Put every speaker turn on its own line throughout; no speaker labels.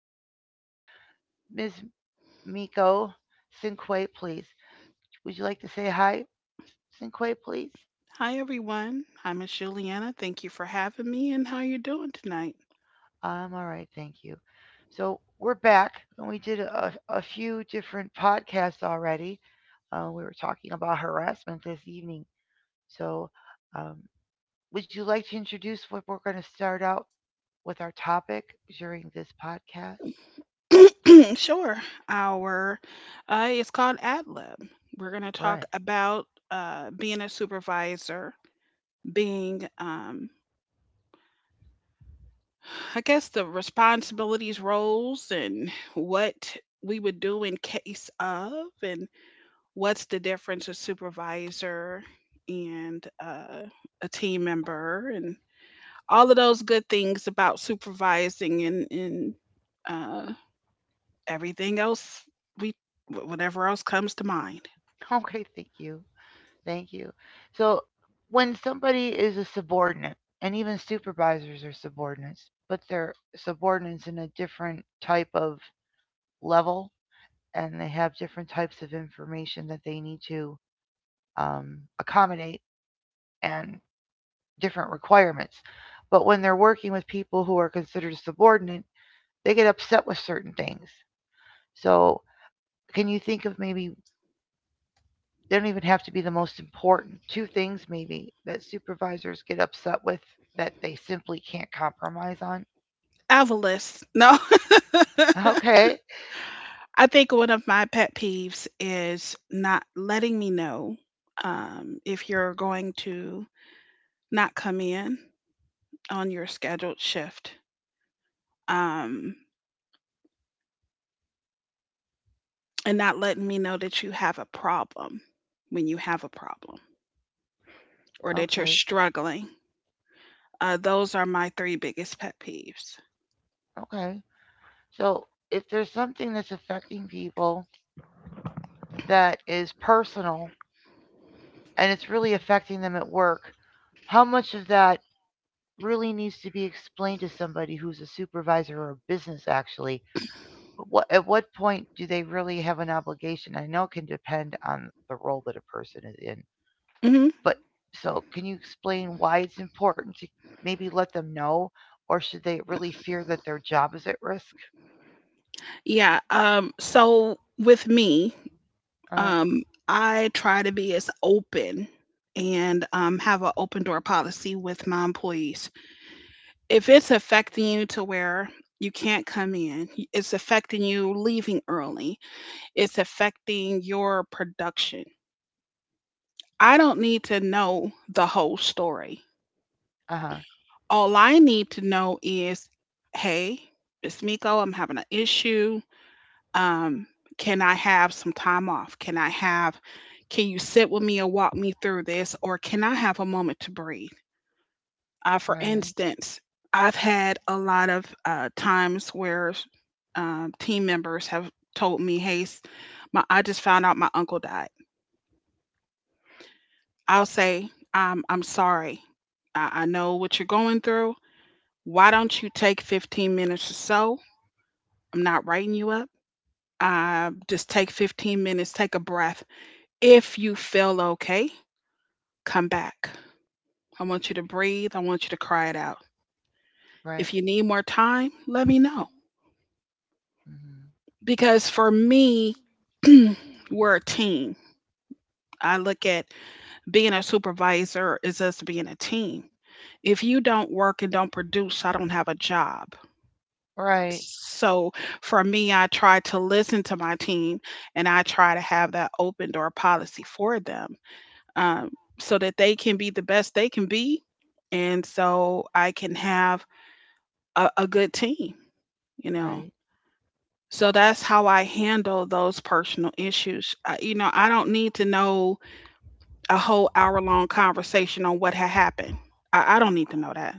say hello to Ms. Miko Cinque, please. Would you like to say hi, Cinque, please?
Hi everyone. I'm Miss Juliana. Thank you for having me and how you doing tonight?
I'm all right, thank you. So we're back, and we did a few different podcasts already. We were talking about harassment this evening. So, um, would you like to introduce what we're going to start out with our topic during this podcast?
Sure. Our It's called AdLib. We're gonna talk
Right.
about being a supervisor, being I guess the responsibilities, roles, and what we would do in case of, and what's the difference a supervisor and a team member, and all of those good things about supervising and uh, everything else we whatever else comes to mind.
Okay, thank you. Thank you. So when somebody is a subordinate, and even supervisors are subordinates, but they're subordinates in a different type of level, and they have different types of information that they need to um, accommodate and different requirements. But when they're working with people who are considered subordinate, they get upset with certain things. So, can you think of maybe they don't even have to be the most important. Two things maybe that supervisors get upset with that they simply can't compromise on.
Avarice, no.
Okay,
I think one of my pet peeves is not letting me know, if you're going to not come in on your scheduled shift, um, and not letting me know that you have a problem when you have a problem or that you're
okay,
struggling. Those are my three biggest pet peeves.
okay. So if there's something that's affecting people that is personal and it's really affecting them at work, how much of that really needs to be explained to somebody who's a supervisor or business actually? What, at what point do they really have an obligation? I know it can depend on the role that a person is in.
Hmm.
But so can you explain why it's important to maybe let them know, or should they really fear that their job is at risk?
Yeah. So with me,
Uh huh.
I try to be as open and have an open door policy with my employees. If it's affecting you to where you can't come in, it's affecting you leaving early, it's affecting your production. I don't need to know the whole story.
Uh huh.
All I need to know is, hey, it's Miko, I'm having an issue. Um, can I have some time off? Can you sit with me and walk me through this? Or can I have a moment to breathe? For
Right.
instance, I've had a lot of times where team members have told me, "Hey, s- my I just found out my uncle died." I'll say, I'm sorry. I know what you're going through. Why don't you take 15 minutes or so? I'm not writing you up. Just take 15 minutes, take a breath. If you feel okay, come back. I want you to breathe. I want you to cry it out.
Right.
If you need more time, let me know.
Hmm.
Because for me, we're a team. I look at being a supervisor is us being a team. If you don't work and don't produce, I don't have a job.
Right.
So for me, I try to listen to my team and I try to have that open door policy for them, um, so that they can be the best they can be. And so I can have a good team, you know.
Right.
So that's how I handle those personal issues. I, you know, I don't need to know a whole hour long conversation on what had happened. I don't need to know that.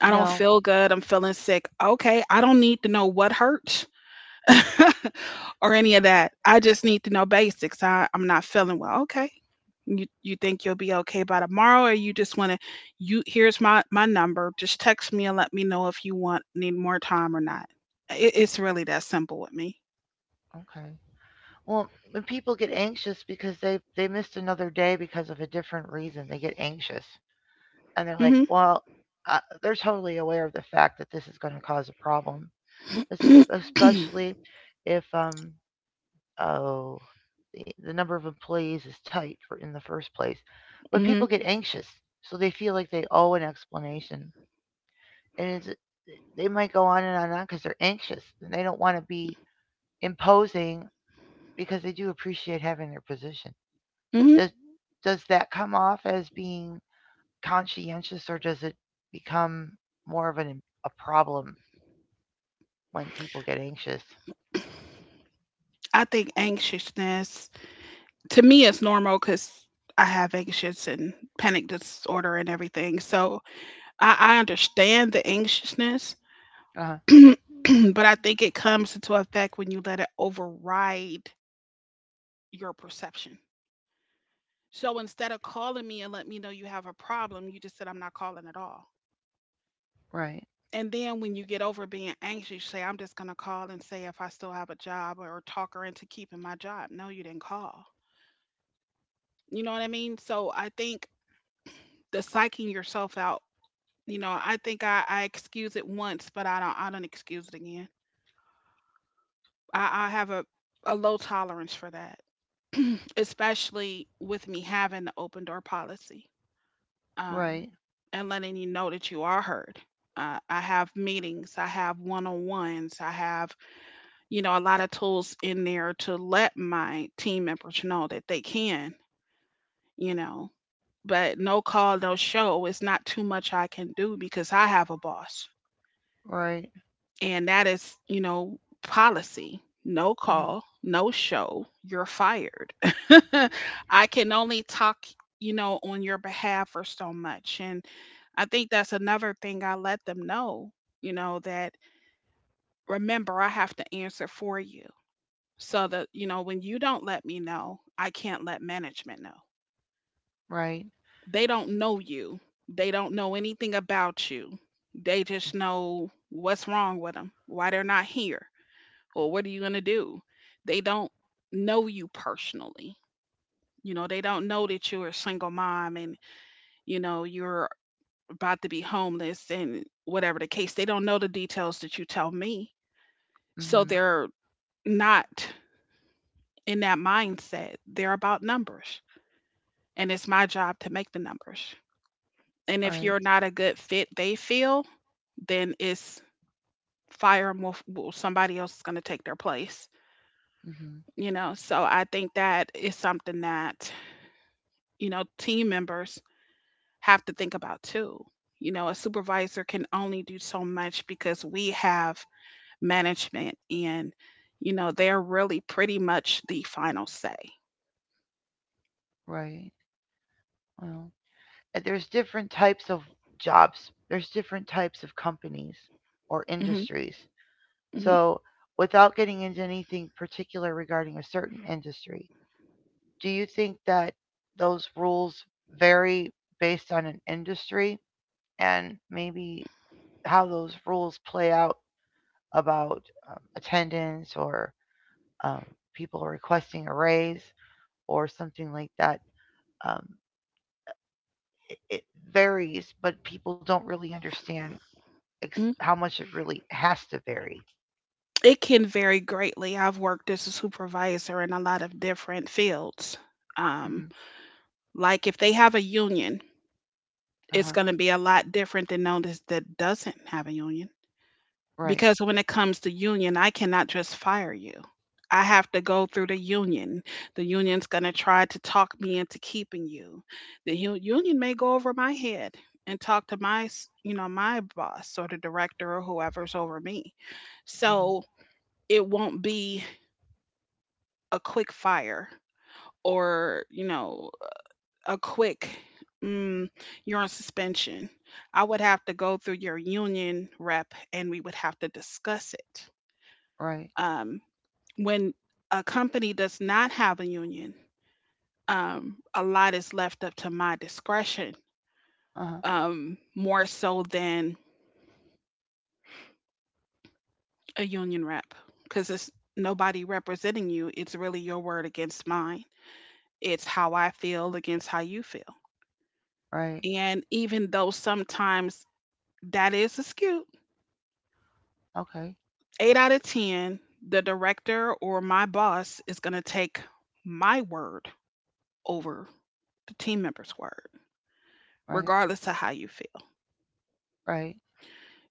I don't
No.
feel good. I'm feeling sick. Okay. I don't need to know what hurts or any of that. I just need to know basics. I'm not feeling well. Okay. You think you'll be okay by tomorrow, or you just want to, you here's my number, just text me and let me know if you want need more time or not. It's really that simple with me.
Okay. Well, when people get anxious because they missed another day because of a different reason, they get anxious and they're
Hmm.
like, well, they're totally aware of the fact that this is going to cause a problem, es-
Hmm.
especially if oh, the number of employees is tight for in the first place. But people get anxious, so they feel like they owe an explanation, and it's, they might go on and on and on because they're anxious and they don't want to be imposing because they do appreciate having their position.
Hmm.
Does does that come off as being conscientious, or does it become more of an a problem when people get anxious?
I think anxiousness to me is normal because I have anxious and panic disorder and everything, so I understand the anxiousness.
Uh,
But I think it comes into effect when you let it override your perception. So instead of calling me and let me know you have a problem, you just said, I'm not calling at all.
right,
And then when you get over being anxious, you say, I'm just going to call and say if I still have a job or talk her into keeping my job. No, you didn't call. You know what I mean? So I think the psyching yourself out, you know, I think I excuse it once, but I don't excuse it again. I have a low tolerance for that, especially with me having the open door policy, um,
right,
and letting you know that you are heard. I have meetings, I have one on ones, I have, you know, a lot of tools in there to let my team members know that they can, you know, but no call, no show. It's not too much I can do because I have a boss.
right,
And that is, you know, policy. No
mm-hmm,
call, no show, you're fired. I can only talk, you know, on your behalf for so much. And I think that's another thing I let them know, you know, that remember, I have to answer for you. So that, you know, when you don't let me know, I can't let management know.
right,
They don't know you, they don't know anything about you. They just know what's wrong with them, why they're not here. Well, what are you going to do? They don't know you personally. You know, they don't know that you're a single mom and, you know, you're about to be homeless and whatever the case. They don't know the details that you tell me. So
hmm
they're not in that mindset. They're about numbers. And it's my job to make the numbers. And if
right.
you're not a good fit, they feel, then it's well, somebody else is going to take their place.
Hmm.
You know, so I think that is something that, you know, team members have to think about too. You know, a supervisor can only do so much because we have management and, you know, they're really pretty much the final say.
Right. Well, there's different types of jobs. There's different types of companies or
Hmm.
industries.
Hmm.
So, without getting into anything particular regarding a certain industry, do you think that those rules vary based on an industry and maybe how those rules play out about attendance or um, people requesting a raise or something like that? Um, it varies, but people don't really understand
Hmm.
how much it really has to vary.
It can vary greatly. I've worked as a supervisor in a lot of different fields.
Mhm.
Um, like if they have a union, it's
Uh-huh.
going to be a lot different than notice that doesn't have a union,
Right.
because when it comes to union, I cannot just fire you. I have to go through the union. The union's going to try to talk me into keeping you. The union may go over my head and talk to my you know, my boss or the director or whoever's over me.
Mm Mhm.
So it won't be a quick fire, or you know, a quick, mm, you're on suspension. I would have to go through your union rep, and we would have to discuss it.
Right.
Um, when a company does not have a union, a lot is left up to my discretion,
Uh-huh.
more so than a union rep, because it's nobody representing you. It's really your word against mine. It's how I feel against how you feel.
Right.
And even though sometimes that is a skew,
Okay.
eight out of 10, the director or my boss is going to take my word over the team member's word,
Right.
regardless of how you feel.
Right.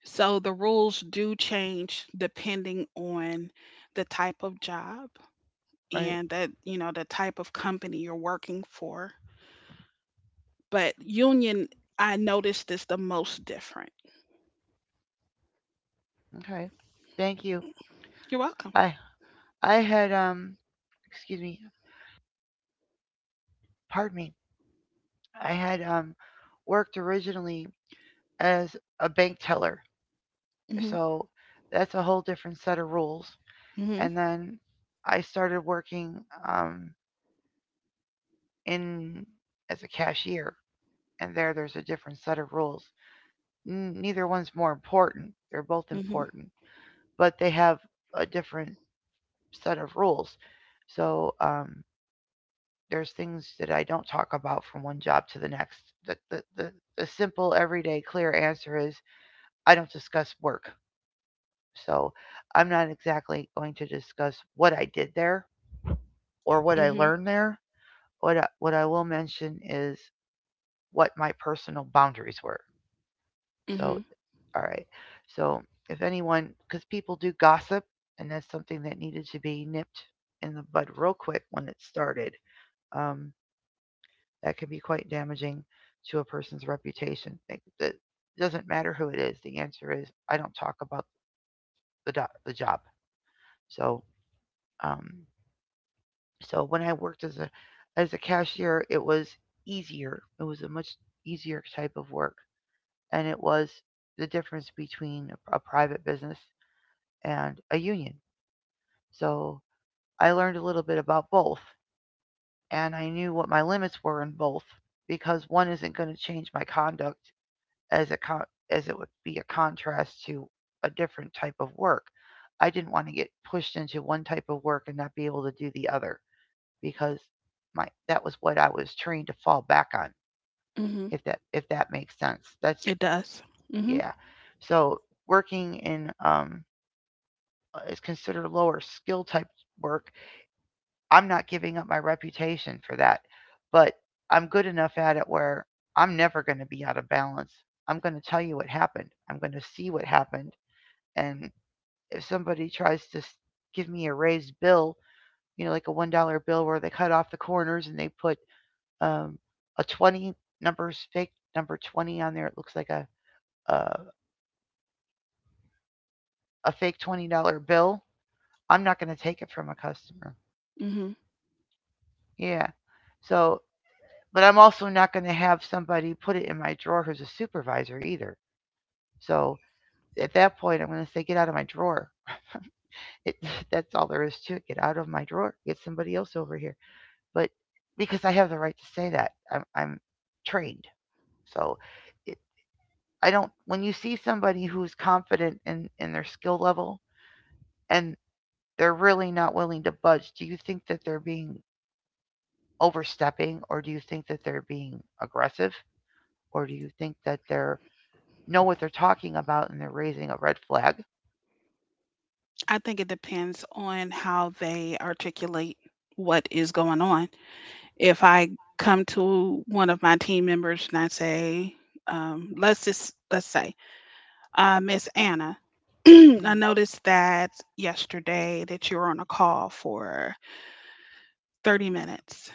So the rules do change depending on the type of job
Right.
and that, you know, the type of company you're working for. But union, I noticed is the most different.
Okay. Thank you.
You're welcome.
I I had excuse me, pardon me. I had worked originally as a bank teller.
Hmm.
So that's a whole different set of rules.
Hmm.
And then I started working in as a cashier. And there's a different set of rules. Neither one's more important. They're both
Hmm.
important, but they have a different set of rules. So there's things that I don't talk about from one job to the next. The, the, the, the simple, everyday, clear answer is I don't discuss work. So I'm not exactly going to discuss what I did there or what I
Hmm.
learned there. What I will mention is what my personal boundaries were.
Hmm.
So all right. So if anyone, because people do gossip, and that's something that needed to be nipped in the bud real quick when it started, um, that can be quite damaging to a person's reputation. Like, it doesn't matter who it is. The answer is I don't talk about the job. So um, so when I worked as a cashier, it was easier. It was a much easier type of work, and it was the difference between a private business and a union. So I learned a little bit about both, and I knew what my limits were in both because one isn't going to change my conduct as a con- as it would be a contrast to a different type of work. I didn't want to get pushed into one type of work and not be able to do the other because my that was what I was trained to fall back on.
Hmm.
If that makes sense, that's
It does. Hmm.
yeah. So working in is considered lower skill type work. I'm not giving up my reputation for that, but I'm good enough at it where I'm never going to be out of balance. I'm going to tell you what happened. I'm going to see what happened. And if somebody tries give me a raised bill, you know, like a $1 bill where they cut off the corners and they put um, a 20 number fake number 20 on there, it looks like a, a fake $20 bill. I'm not going to take it from a customer.
Hmm.
Yeah. So but I'm also not going to have somebody put it in my drawer who's a supervisor either. So at that point, I'm going to say, get out of my drawer. It, that's all there is to it. Get out of my drawer. Get somebody else over here. But because I have the right to say that, I'm trained. So it, I don't, when you see somebody who's confident in their skill level and they're really not willing to budge, do you think that they're being overstepping or do you think that they're being aggressive or do you think that they're know what they're talking about and they're raising a red flag.
I think it depends on how they articulate what is going on. If I come to one of my team members and I say, let's say, uh, Miss Anna, I noticed that yesterday that you were on a call for 30 minutes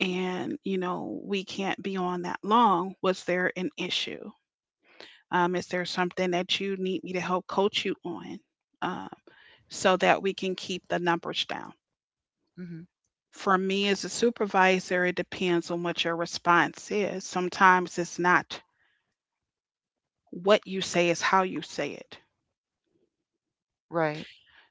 and, you know, we can't be on that long. Was there an issue? Is there something that you need me to help coach you on, um, so that we can keep the numbers down?
Mm-hmm.
For me as a supervisor, it depends on what your response is. Sometimes it's not what you say, it's how you say it.
Right.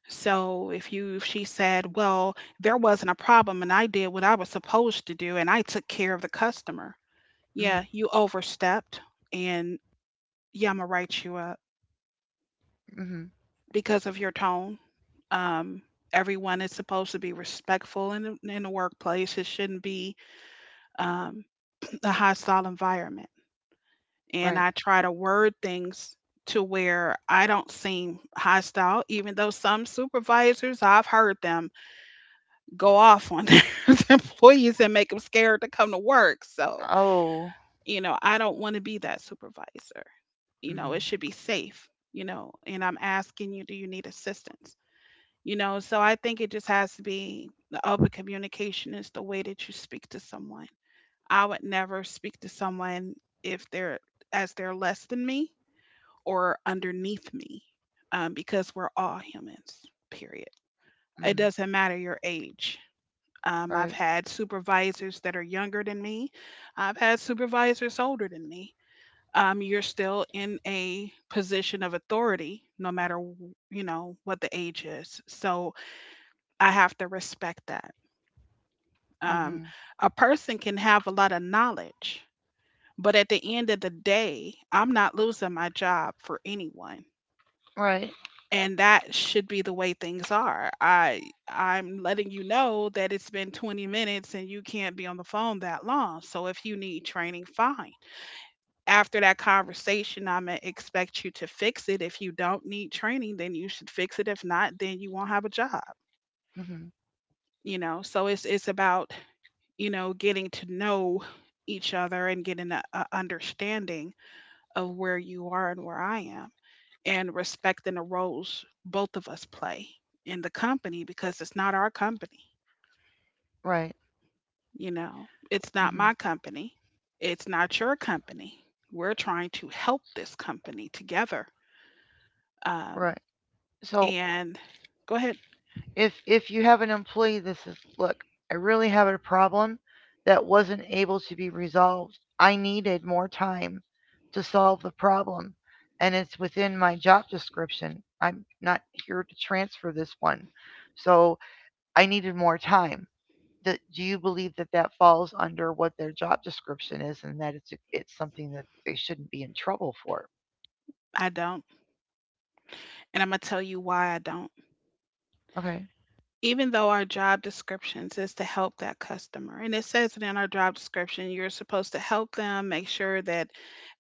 So if she said, "Well, there wasn't a problem and I did what I was supposed to do and I took care of the customer."
Mm-hmm.
Yeah, you overstepped, and yeah, I'm gonna write you up
Mm-hmm.
because of your tone. Um Everyone is supposed to be respectful in in the workplace. It shouldn't be um a hostile environment. And
Right.
I try to word things to where I don't seem hostile, even though some supervisors, I've heard them go off on their employees and make them scared to come to work. So,
Oh.
you know, I don't want to be that supervisor. You know,
Mm-hmm.
it should be safe, you know, and I'm asking you, do you need assistance? You know, so I think it just has to be the open communication is the way that you speak to someone. I would never speak to someone if they're, as they're less than me or underneath me, because we're all humans, period. It
Mm-hmm.
doesn't matter your age. I've
Right.
had supervisors that are younger than me. I've had supervisors older than me. You're still in a position of authority, no matter you know what the age is. So I have to respect that. Um,
Mm-hmm.
a person can have a lot of knowledge, but at the end of the day, I'm not losing my job for anyone.
Right.
And that should be the way things are. I'm letting you know that it's been 20 minutes and you can't be on the phone that long. So if you need training, fine. After that conversation, I'm gonna expect you to fix it. If you don't need training, then you should fix it. If not, then you won't have a job.
Mm-hmm.
So it's about getting to know each other and getting a understanding of where you are and where I am, and respecting the roles both of us play in the company, because it's not our company.
Right.
You know, it's not
Mm-hmm.
my company, it's not your company. We're trying to help this company together. Um,
Right. So
and Go ahead.
if you have an employee that says, "Look, I really have a problem that wasn't able to be resolved. I needed more time to solve the problem, and it's within my job description. I'm not here to transfer this one." So I needed more time. Do you believe that that falls under what their job description is and that it's something that they shouldn't be in trouble for?
I don't. And I'm going to tell you why I don't.
Okay.
Even though our job descriptions is to help that customer, and it says it in our job description, you're supposed to help them make sure that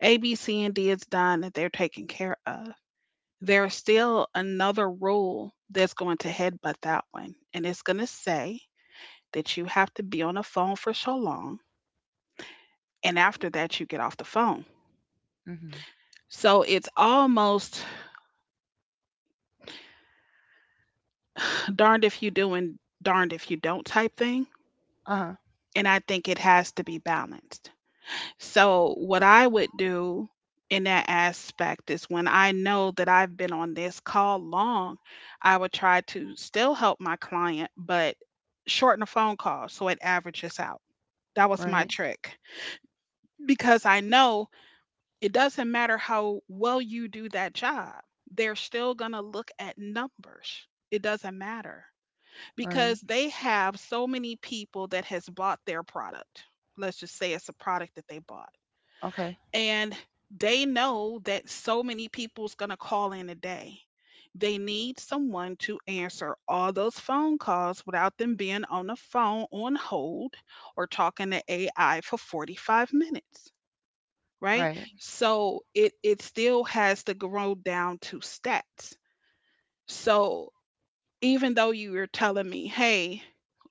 A, B, C, and D is done, that they're taken care of. There's still another rule that's going to headbutt that one. And it's going to say that you have to be on the phone for so long. And after that, you get off the phone.
Mhm.
So it's almost darned if you do and darned if you don't type thing.
Uh-huh.
And I think it has to be balanced. So what I would do in that aspect is, when I know that I've been on this call long, I would try to still help my client, but shorten the phone call so it averages out. That was my
Right.
trick, because I know it doesn't matter how well you do that job, they're still going to look at numbers. It doesn't matter,
Right.
because they have so many people that has bought their product. Let's just say it's a product that they bought.
Okay.
And they know that so many people's going to call in a day. They need someone to answer all those phone calls without them being on the phone on hold or talking to AI for 45 minutes, right?
Right.
So it still has to grow down to stats. So even though you were telling me, hey,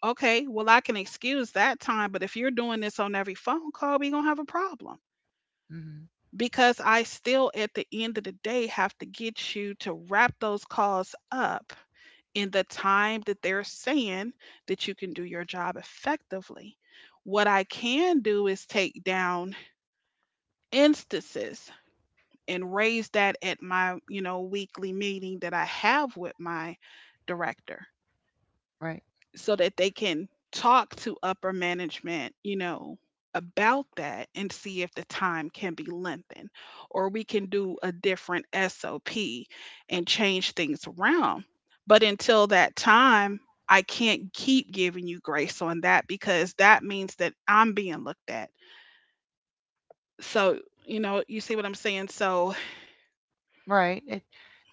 okay, well I can excuse that time, but if you're doing this on every phone call, we're gonna have a problem.
Mhm.
Because I still at the end of the day have to get you to wrap those calls up in the time that they're saying that you can do your job effectively. What I can do is take down instances and raise that at my weekly meeting that I have with my director,
Right.
so that they can talk to upper management, about that, and see if the time can be lengthened or we can do a different SOP and change things around. But until that time, I can't keep giving you grace on that, because that means that I'm being looked at. So you see what I'm saying. So
Right. It,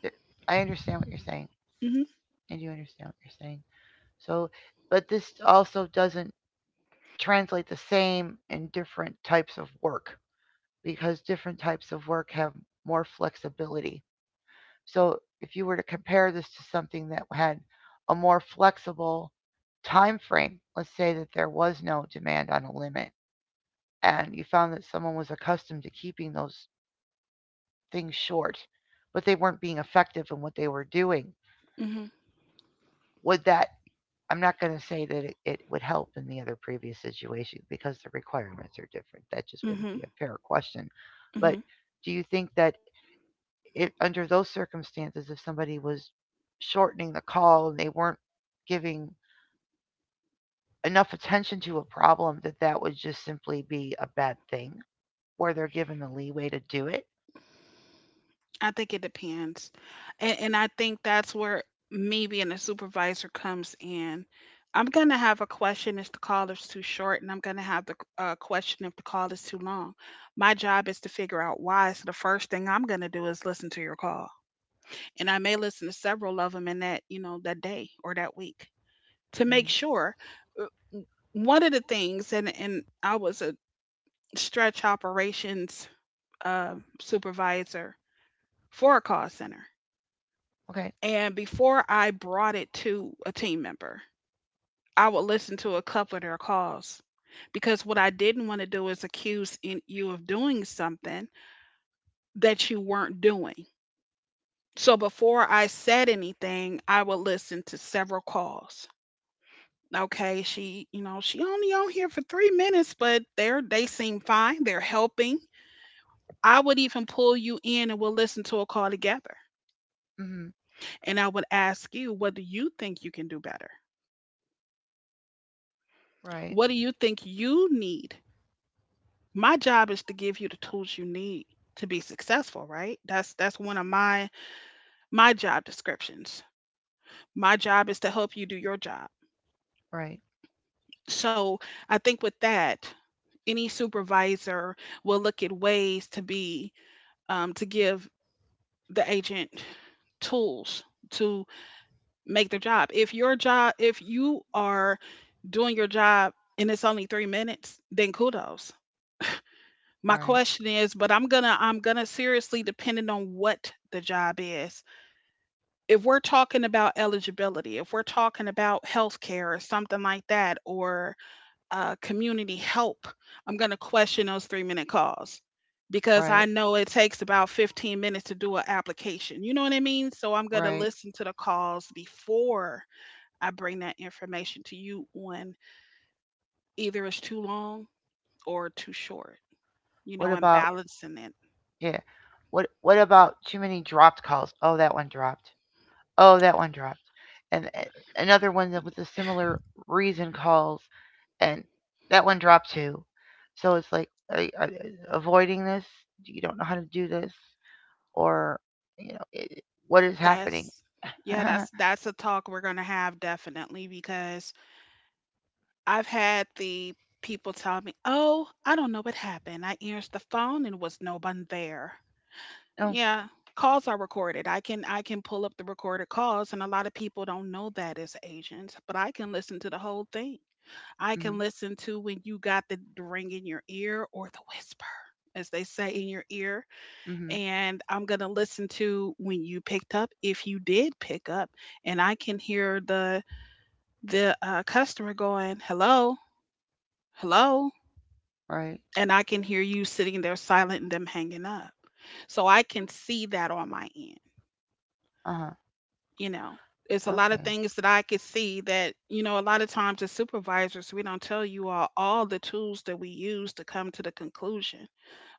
it I understand what you're saying.
hmm
I do understand what you're saying. So, but this also doesn't translate the same in different types of work because different types of work have more flexibility. So if you were to compare this to something that had a more flexible time frame, let's say that there was no demand on a limit and you found that someone was accustomed to keeping those things short, but they weren't being effective in what they were doing,
hmm
would that I'm not going to say that it would help in the other previous situation because the requirements are different. That just wouldn't
hmm.
be a fair question. But
Mhm.
do you think that it under those circumstances if somebody was shortening the call and they weren't giving enough attention to a problem that that would just simply be a bad thing where they're given the leeway to do it
I think it depends. And I think that's where me being a supervisor comes in. I'm going to have a question if the call is too short, and I'm going to have the question if the call is too long. My job is to figure out why. So the first thing I'm going to do is listen to your call. And I may listen to several of them in that, you know, that day or that week, to make
hmm
sure. Uh, One of the things, and I was a stretch operations uh, supervisor for a call center.
okay
And before I brought it to a team member, I would listen to a couple of their calls, because what I didn't want to do is accuse you of doing something that you weren't doing. So before I said anything, I would listen to several calls. Okay, she, you know, she only on here for 3 minutes, but they seem fine. They're helping. I would even pull you in and we'll listen to a call together.
hmm
And I would ask you, what do you think you can do better?
right
What do you think you need? My job is to give you the tools you need to be successful, right? That's one of my job descriptions. My job is to help you do your job.
right
So I think with that, any supervisor will look at ways to be, to give the agent tools to make their job, if your job, if you are doing your job and it's only 3 minutes, then kudos. My
right
question is, but I'm gonna seriously, depending on what the job is, if we're talking about eligibility, if we're talking about healthcare or something like that, or community help, I'm going to question those 3 minute calls, because I
right.
know it takes about 15 minutes to do an application. You know what I mean? So I'm going to
Right.
listen to the calls before I bring that information to you on either it's too long or too short, you
What
know, and
about
balancing it.
yeah? What about too many dropped calls? Oh, that one dropped. Oh, that one dropped. And another one that with a similar reason calls, and that one dropped too. So it's like avoiding this. You don't know how to do this, or you know it, what is happening.
That's, yeah, that's a talk we're going to have definitely, because I've had the people tell me, "Oh, I don't know what happened. I answered the phone and was no one there."
No.
Yeah, calls are recorded. I can pull up the recorded calls, and a lot of people don't know that as agents, but I can listen to the whole thing. I can
Mhm.
listen to when you got the ring in your ear or the whisper, as they say in your ear,
Mhm.
and I'm gonna listen to when you picked up, if you did pick up, and I can hear the customer going, "Hello, hello."
Right.
And I can hear you sitting there silent and them hanging up. So I can see that on my end,
Uh huh.
you know. It's a lot of
Okay.
things that I could see that, you know, a lot of times as supervisors, we don't tell you all the tools that we use to come to the conclusion.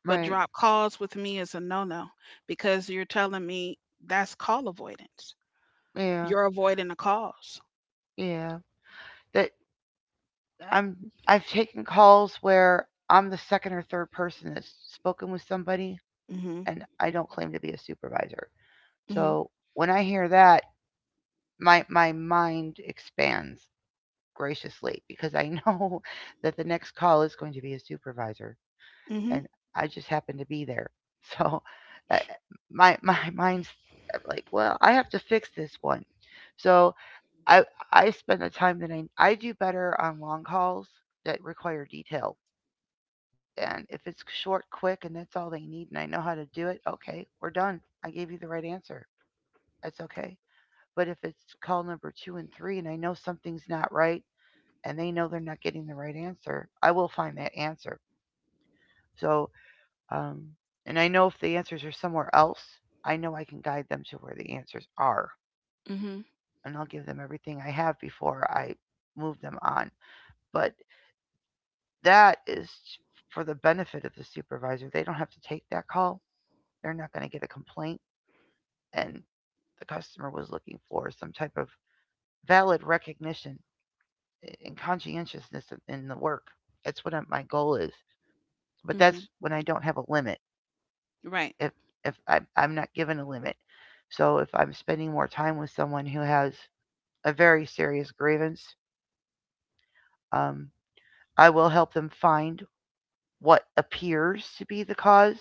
But
Right.
drop calls with me is a no no, because you're telling me that's call avoidance.
Yeah.
You're avoiding the calls.
Yeah. That I'm I've taken calls where I'm the second or third person that's spoken with somebody
Mm hmm.
and I don't claim to be a supervisor.
Mm
So when I hear that, my mind expands graciously because I know that the next call is going to be a supervisor
hmm. Mm
and I just happen to be there. So uh, my mind's like, well, I have to fix this one. So I I spend the time that I do better on long calls that require detail. And if it's short, quick, and that's all they need and I know how to do it, okay, we're done. I gave you the right answer. That's okay. But if it's call number two and three and I know something's not right and they know they're not getting the right answer, I will find that answer. So, um, and I know if the answers are somewhere else, I know I can guide them to where the answers are.
hmm. Mm hmm.
And I'll give them everything I have before I move them on. But that is for the benefit of the supervisor. They don't have to take that call. They're not going to get a complaint. And the customer was looking for some type of valid recognition and conscientiousness in the work. That's what my goal is. But
Mm hmm.
that's when I don't have a limit.
Right.
If if I'm not given a limit, so if I'm spending more time with someone who has a very serious grievance, um, I will help them find what appears to be the cause.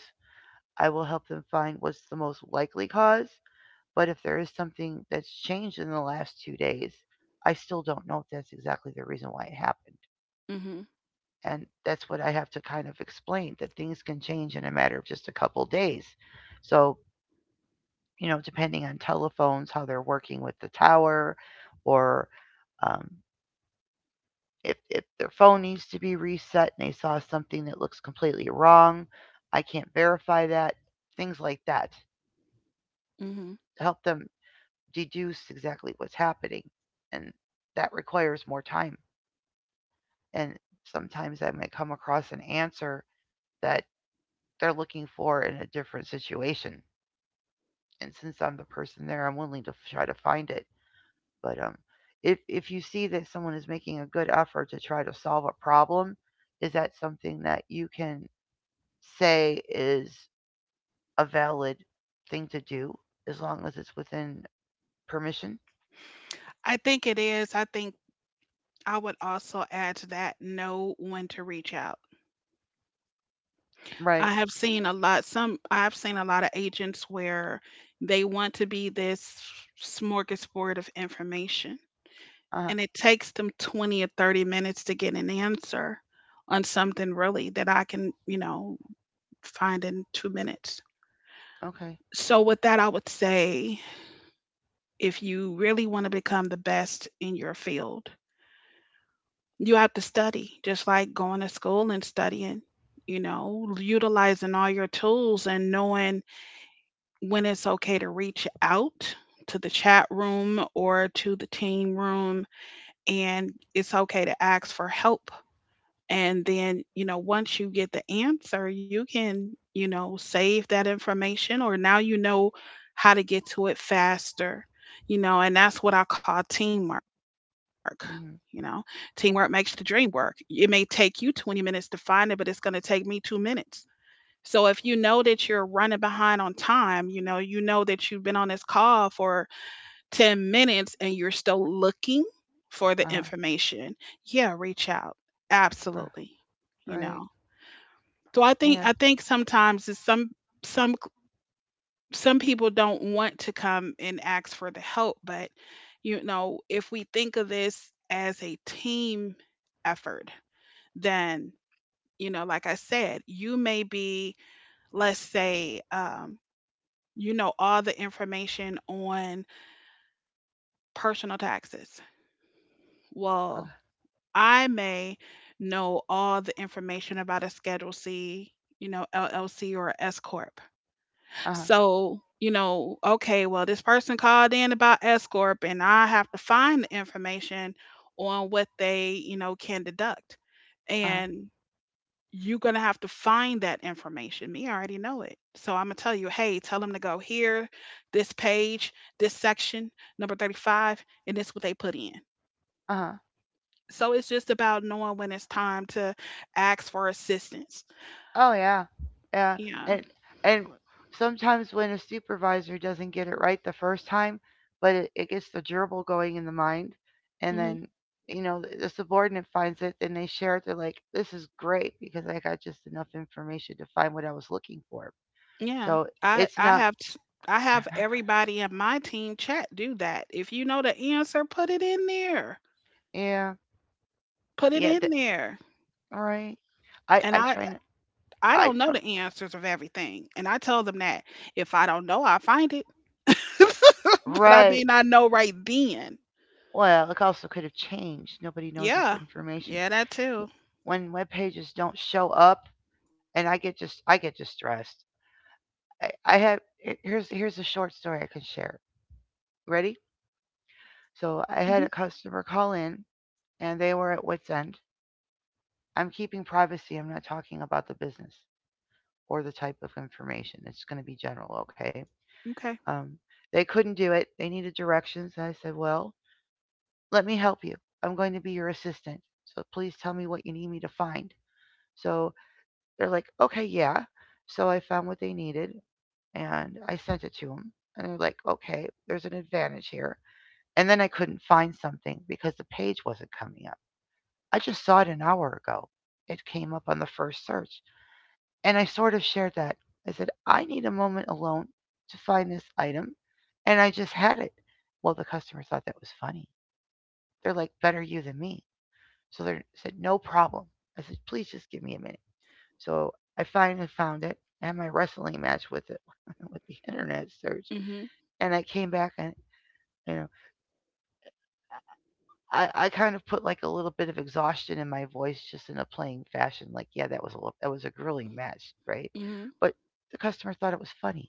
I will help them find what's the most likely cause. But if there is something that's changed in the last 2 days, I still don't know if that's exactly the reason why it happened.
Mm hmm.
And that's what I have to kind of explain, that things can change in a matter of just a couple days. So, you know, depending on telephones, how they're working with the tower, or um, if their phone needs to be reset and they saw something that looks completely wrong, I can't verify that, things like that.
Mm hmm.
Help them deduce exactly what's happening. And that requires more time. And sometimes I might come across an answer that they're looking for in a different situation. And since I'm the person there, I'm willing to try to find it. But if you see that someone is making a good effort to try to solve a problem, is that something that you can say is a valid thing to do as long as it's within permission?
I think it is. I think I would also add to that, know when to reach out.
Right.
I have seen a lot, some, I've seen a lot of agents where they want to be this smorgasbord of information,
Uh huh.
and it takes them 20 or 30 minutes to get an answer on something really that I can, you know, find in 2 minutes.
Okay.
So, with that, I would say, if you really want to become the best in your field, you have to study, just like going to school and studying, you know, utilizing all your tools and knowing when it's okay to reach out to the chat room or to the team room. And it's okay to ask for help, and then, you know, once you get the answer, you can, you know, save that information, or now you know how to get to it faster, you know. And that's what I call teamwork, you know.
Mm hmm.
Teamwork makes the dream work. It may take you 20 minutes to find it, but it's going to take me 2 minutes. So if you know that you're running behind on time, you know, you know that you've been on this call for 10 minutes and you're still looking for the
Uh
information, yeah, reach out.
huh.
Absolutely. You
Right.
know. So I think,
Yeah.
I think sometimes it's some, some some people don't want to come and ask for the help. But you know, if we think of this as a team effort, then, you know, like I said, you may be, let's say, you know, all the information on personal taxes. Well,
Okay.
I may know all the information about a Schedule C, you know, LLC or S corp.
Uh huh.
So, you know, okay, well, this person called in about S corp, and I have to find the information on what they, you know, can deduct,
Uh huh.
and you're gonna have to find that information. Me, I already know it, so I'm gonna tell you, hey, tell them to go here, this page, this section, number 35, and this what they put in.
Uh huh.
So it's just about knowing when it's time to ask for assistance.
Oh yeah. Yeah.
Yeah.
And and sometimes when a supervisor doesn't get it right the first time, but it gets the gerbil going in the mind, and
Hmm.
then you know the subordinate finds it, and they share it. They're like, "This is great because I got just enough information to find what I was looking for."
Yeah.
So it's not.
I have everybody in my team chat do that. If you know the answer, put it in there.
Yeah.
Put it
Yeah.
in there.
Right. I
And
I
I
try. And
I
I
don't know
try.
the answers of everything. And I tell them that if I don't know, I find it. But I
Right.
may not know right then.
Well, it also could have changed. Nobody knows if the
Yeah.
information
Yeah, that too.
when web pages don't show up and I get just I get distressed. I had here's a short story I can share. Ready? So I had
Hmm.
a customer call in and they were at wits end. I'm keeping privacy. I'm not talking about the business or the type of information. It's going to be general, okay?
Okay.
Um, they couldn't do it. They needed directions. And I said, well, let me help you. I'm going to be your assistant. So please tell me what you need me to find. So they're like, okay, yeah. So I found what they needed, and I sent it to them. And they're like, okay, there's an advantage here. And then I couldn't find something because the page wasn't coming up. I just saw it an hour ago. It came up on the first search. And I sort of shared that. I said, I need a moment alone to find this item. And I just had it. Well, the customer thought that was funny. They're like, better you than me. So they said, no problem. I said, please just give me a minute. So I finally found it and my wrestling match with it, with the internet search.
Mhm.
And I came back and, you know, I kind of put like a little bit of exhaustion in my voice just in a playing fashion. Like, yeah, that was a that was a grueling match, right?
Mhm.
But the customer thought it was funny.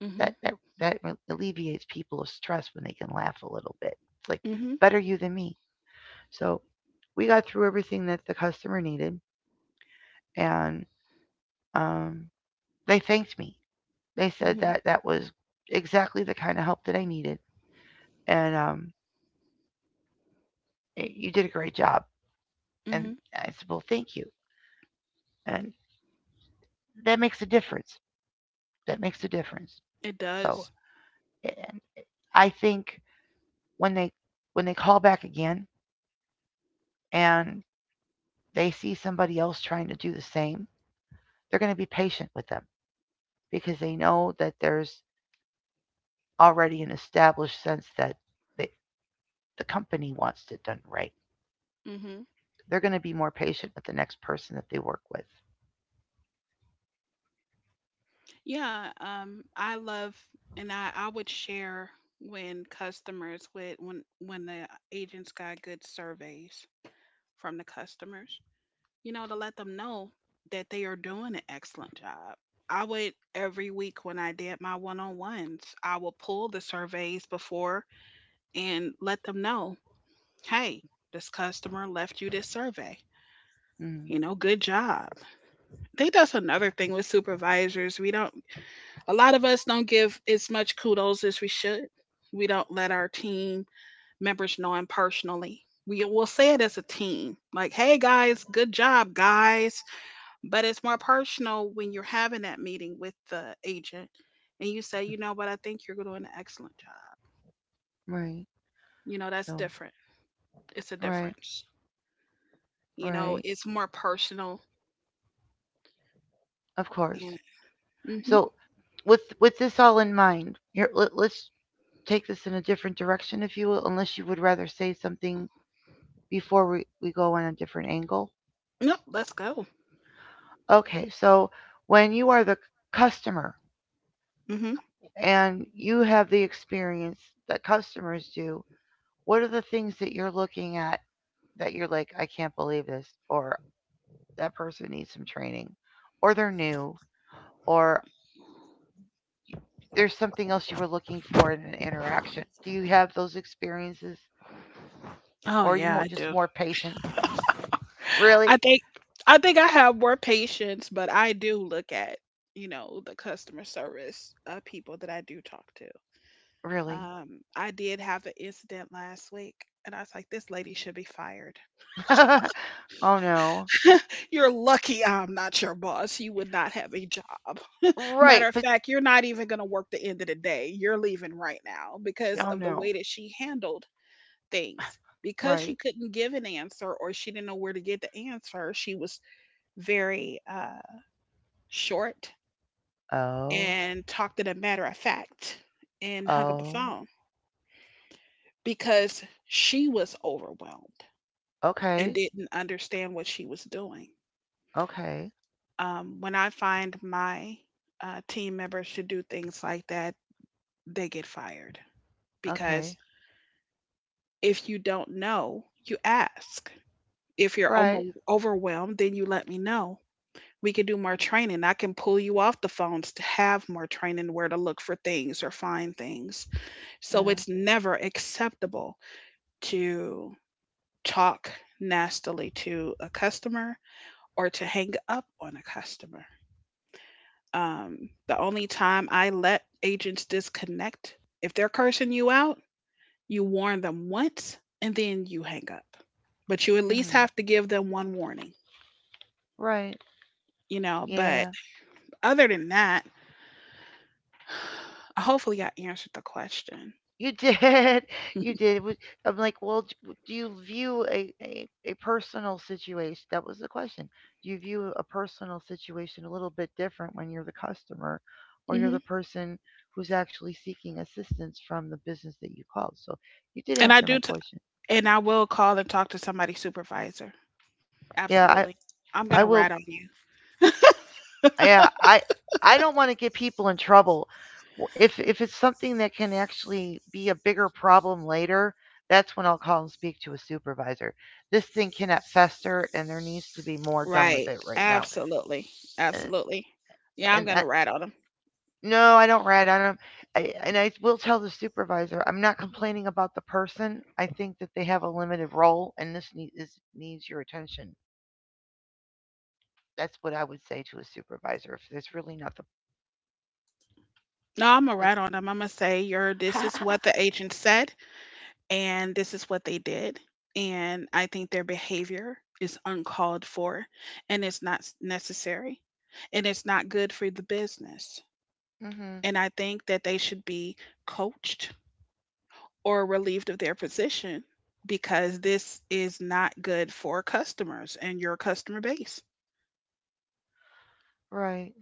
Mhm.
That that that alleviates people of stress when they can laugh a little bit. It's like
Mhm.
better you than me. So we got through everything that the customer needed, and um, they thanked me. They said
Mhm.
that that was exactly the kind of help that I needed, and you did a great job. And
Mhm.
I said, well, thank you. And that makes a difference. That makes a difference.
It
So
does.
and I think when they when they call back again and they see somebody else trying to do the same, they're going to be patient with them because they know that there's already an established sense that they, the company wants it done right.
Mhm.
They're going to be more patient with the next person that they work with.
Yeah, I love and I would share when customers would when the agents got good surveys from the customers, you know, to let them know that they are doing an excellent job. I would every week when I did my one-on-ones, I would pull the surveys before and let them know, "Hey, this customer left you this survey. You
Mm,
know, good job." I think that's another thing with supervisors. We don't A lot of us don't give as much kudos as we should. We don't let our team members know them personally. We will say it as a team, like, hey guys, good job, guys. But it's more personal when you're having that meeting with the agent and you say, you know what, I think you're doing an excellent job.
right.
You know, that's
So
different. It's a
right,
difference. You know,
right.
it's more personal.
Of course.
And, hmm.
So with this all in mind, here let, let's take this in a different direction, if you will, unless you would rather say something before we go on a different angle.
Nope, let's go.
Okay, so when you are the customer
Hmm.
and you have the experience that customers do, what are the things that you're looking at that you're like, I can't believe this, or that person needs some training, or they're new, or there's something else you were looking for in an interaction? Do you have those experiences,
Oh,
or are you
yeah, I
just
do.
more patient?
I
Really?
think I think I have more patience, but I do look at, you know, the customer service people that I do talk to.
Really?
Um, I did have an incident last week, and I was like, "This lady should be fired."
oh no.
You're lucky I'm not your boss. You would not have a job.
Right,
Matter of
but
fact, you're not even going to work the end of the day. You're leaving right now because
oh
of the
no.
way that she handled things. Because she
Right.
couldn't give an answer or she didn't know where to get the answer, she was very short
Oh.
and talked in a matter of fact and hung up the
Oh.
phone because she was overwhelmed and
Okay.
didn't understand what she was doing.
Okay.
When I find my team members to do things like that, they get fired
Okay.
because if you don't know, you ask. If you're
Right.
overwhelmed, then you let me know. We can do more training. I can pull you off the phones to have more training where to look for things or find things. So
Yeah.
it's never acceptable to talk nastily to a customer or to hang up on a customer. Um, the only time I let agents disconnect, if they're cursing you out, you warn them once and then you hang up. But you at least
Mm.
have to give them one warning,
Right.
But
Yeah.
other than that, hopefully I answered the question.
You did. You did. Would- I'm like, well, do you view a personal situation? That was the question. Do you view a personal situation a little bit different when you're the customer or you're
Hmm.
the person who's actually seeking assistance from the business that you called? So you did
And I
answer my
do,
question.
and I will call and talk to somebody's supervisor.
Yeah,
Absolutely.
I
I'm going to
I
rat
will.
on you.
Yeah, I don't want to get people in trouble. W- If it's something that can actually be a bigger problem later, that's when I'll call and speak to a supervisor. This thing cannot fester, and there needs to be more done
Right.
with it right now.
Absolutely.
And,
Absolutely. Yeah, I'm
and
gonna
I,
rat on them.
no, I don't rat. I don't. I, and I will tell the supervisor I'm not complaining about the person. I think that they have a limited role, and this need, is, needs your attention. That's what I would say to a supervisor if there's really nothing.
No, I'm gonna rat on them. I'm gonna say your this is what the agent said and this is what they did. And I think their behavior is uncalled for and it's not necessary and it's not good for the business.
Mm-hmm.
And I think that they should be coached or relieved of their position because this is not good for customers and your customer base.
Right.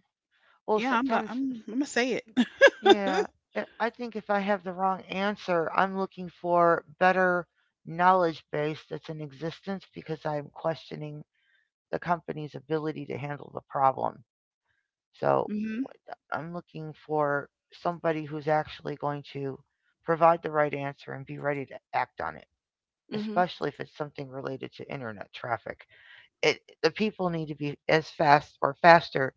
Well,
Yeah, I'm gonna
sometimes,
I'm, I'm gonna say it.
yeah, I think if I have the wrong answer, I'm looking for better knowledge base that's in existence because I'm questioning the company's ability to handle the problem. So
Mhm.
I'm looking for somebody who's actually going to provide the right answer and be ready to act on it,
Mhm.
especially if it's something related to internet traffic. It, the people need to be as fast or faster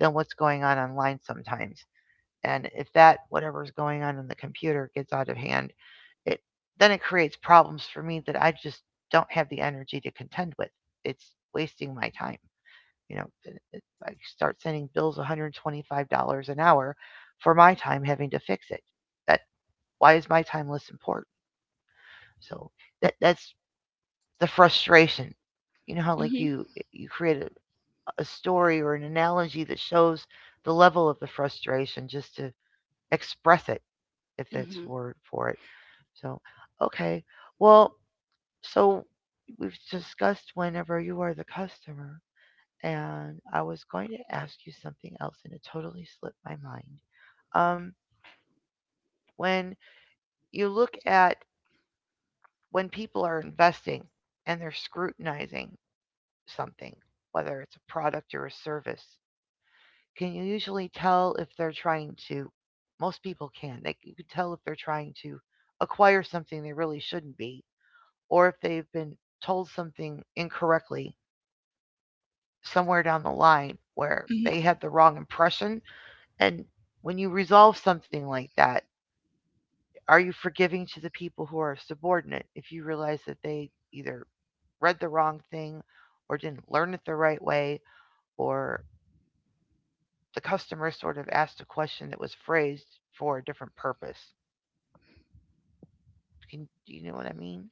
than what's going on online sometimes. And if that whatever's going on in the computer gets out of hand, it then it creates problems for me that I just don't have the energy to contend with. It's wasting my time. You know, I start sending bills $125 an hour for my time having to fix it. That, why is my time less important? So that that's the frustration. You know how like
Mhm.
you you create a story or an analogy that shows the level of the frustration just to express it, if that's
Mhm.
the word for it. So, okay. Well, so we've discussed whenever you are the customer, and I was going to ask you something else, and it totally slipped my mind. Um, when you look at when people are investing and they're scrutinizing something, whether it's a product or a service, can you usually tell if they're trying to? Most people can. They you can tell if they're trying to acquire something they really shouldn't be, or if they've been told something incorrectly somewhere down the line where
Mhm.
they had the wrong impression. And when you resolve something like that, are you forgiving to the people who are subordinate if you realize that they either read the wrong thing or didn't learn it the right way or the customer sort of asked a question that was phrased for a different purpose? Can, do you know what I mean?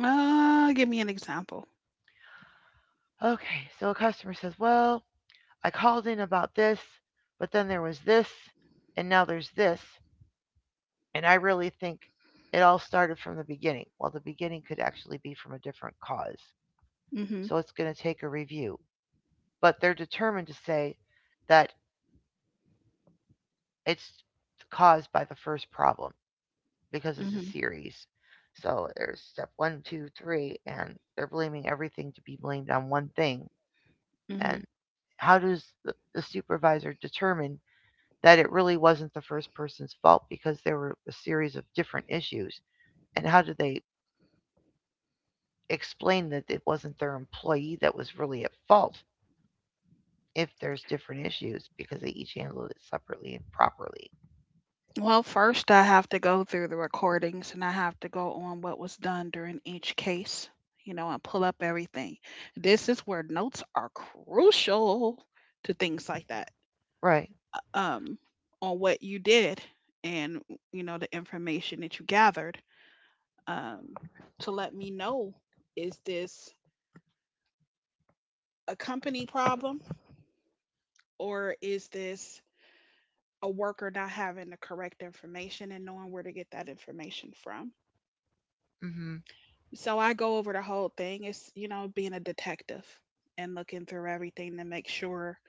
Give me an example.
Okay, so a customer says, well, I called in about this, but then there was this, and now there's this. And I really think it all started from the beginning. Well, the beginning could actually be from a different cause.
Mhm.
So it's going to take a review. But they're determined to say that it's caused by the first problem because it's
Mhm.
a series. So there's step one, two, three, and they're blaming everything to be blamed on one thing. And
Mhm.
how does the supervisor determine that it really wasn't the first person's fault because there were a series of different issues. And how do they explain that it wasn't their employee that was really at fault if there's different issues because they each handled it separately and properly?
Well, first I have to go through the recordings and I have to go on what was done during each case, you know, and pull up everything. This is where notes are crucial to things like that.
Right.
Um, on what you did and, you know, the information that you gathered. Um, to let me know, is this a company problem or is this a worker not having the correct information and knowing where to get that information from.
Mm-hmm.
So I go over the whole thing. It's, you know, being a detective and looking through everything to make sure.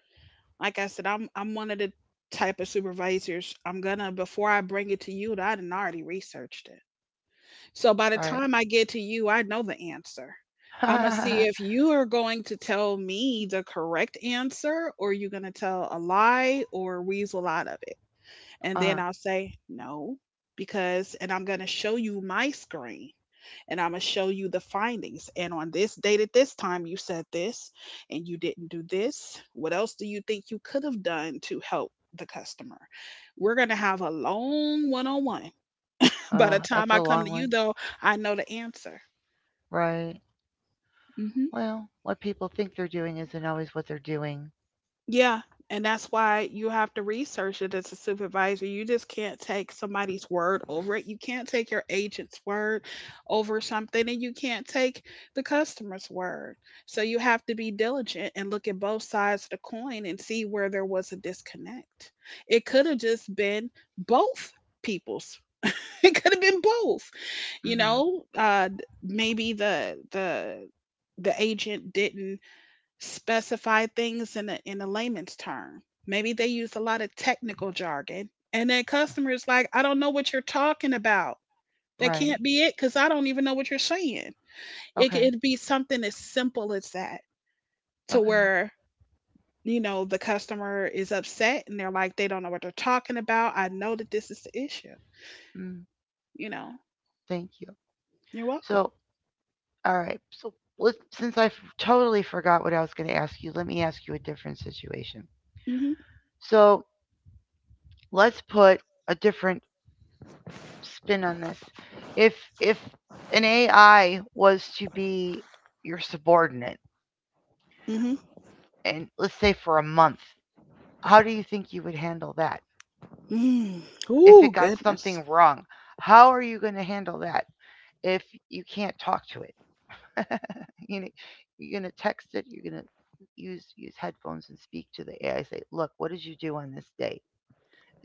Like I said, I'm one of the type of supervisors. I'm gonna, before I bring it to you, I done already researched it. So by the
Right.
time I get to you, I know the answer. I'm gonna see
uh-huh.
if you are going to tell me the correct answer, or you're gonna tell a lie or weasel out of it. And then I'll say, no, because, and I'm going to show you my screen and I'm going to show you the findings. And on this date at this time, you said this and you didn't do this. What else do you think you could have done to help the customer? We're going to have a long one on one. By the
That's
time
a
I come
long
to
one.
you, though, I know the answer.
Right.
Mm-hmm.
Well, what people think they're doing isn't always what they're doing.
Yeah, and that's why you have to research it as a supervisor. You just can't take somebody's word over it. You can't take your agent's word over something, and you can't take the customer's word. So you have to be diligent and look at both sides of the coin and see where there was a disconnect. It could have just been both people's. It could have been both. You
Mm-hmm.
know, maybe the the agent didn't specify things in a layman's term. Maybe they use a lot of technical jargon. And then customers like, I don't know what you're talking about. That
Right.
can't be it because I don't even know what you're saying. It
Okay.
could be something as simple as that to
Okay.
where, you know, the customer is upset and they're like, they don't know what they're talking about. I know that this is the issue.
Mm,
You know,
thank you.
you're welcome.
So all right. So let since I totally forgot what I was going to ask you, let me ask you a different situation.
Hmm.
So let's put a different spin on this. If if an AI was to be your subordinate,
Hmm.
and let's say for a month, how do you think you would handle that?
Mm.
If
Ooh,
it got
goodness.
something wrong, how are you going to handle that if you can't talk to it? you know, you're gonna text it. You're gonna use headphones and speak to the AI. Say, look, what did you do on this date?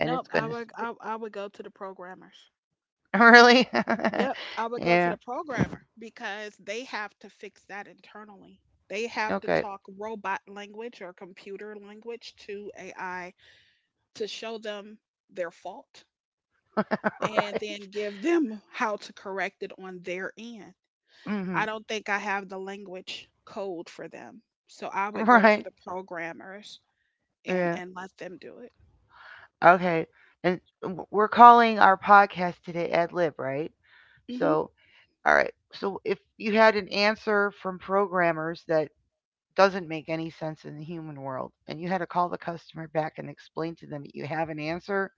And it's
I
gonna
would
spit.
I, I would go to the programmers.
Really,
Yep, I would go to
yeah,
the programmer because they have to fix that internally. They have to
okay,
talk robot language or computer language to AI to show them their fault and
right,
then give them how to correct it on their end.
hmm,
I don't think I have the language code for them. So I would go to
right,
the programmers and
yeah,
let them do it.
okay. And we're calling our podcast today ad lib, right?
Mhm.
So, all right. So if you had an answer from programmers that doesn't make any sense in the human world and you had to call the customer back and explain to them that you have an answer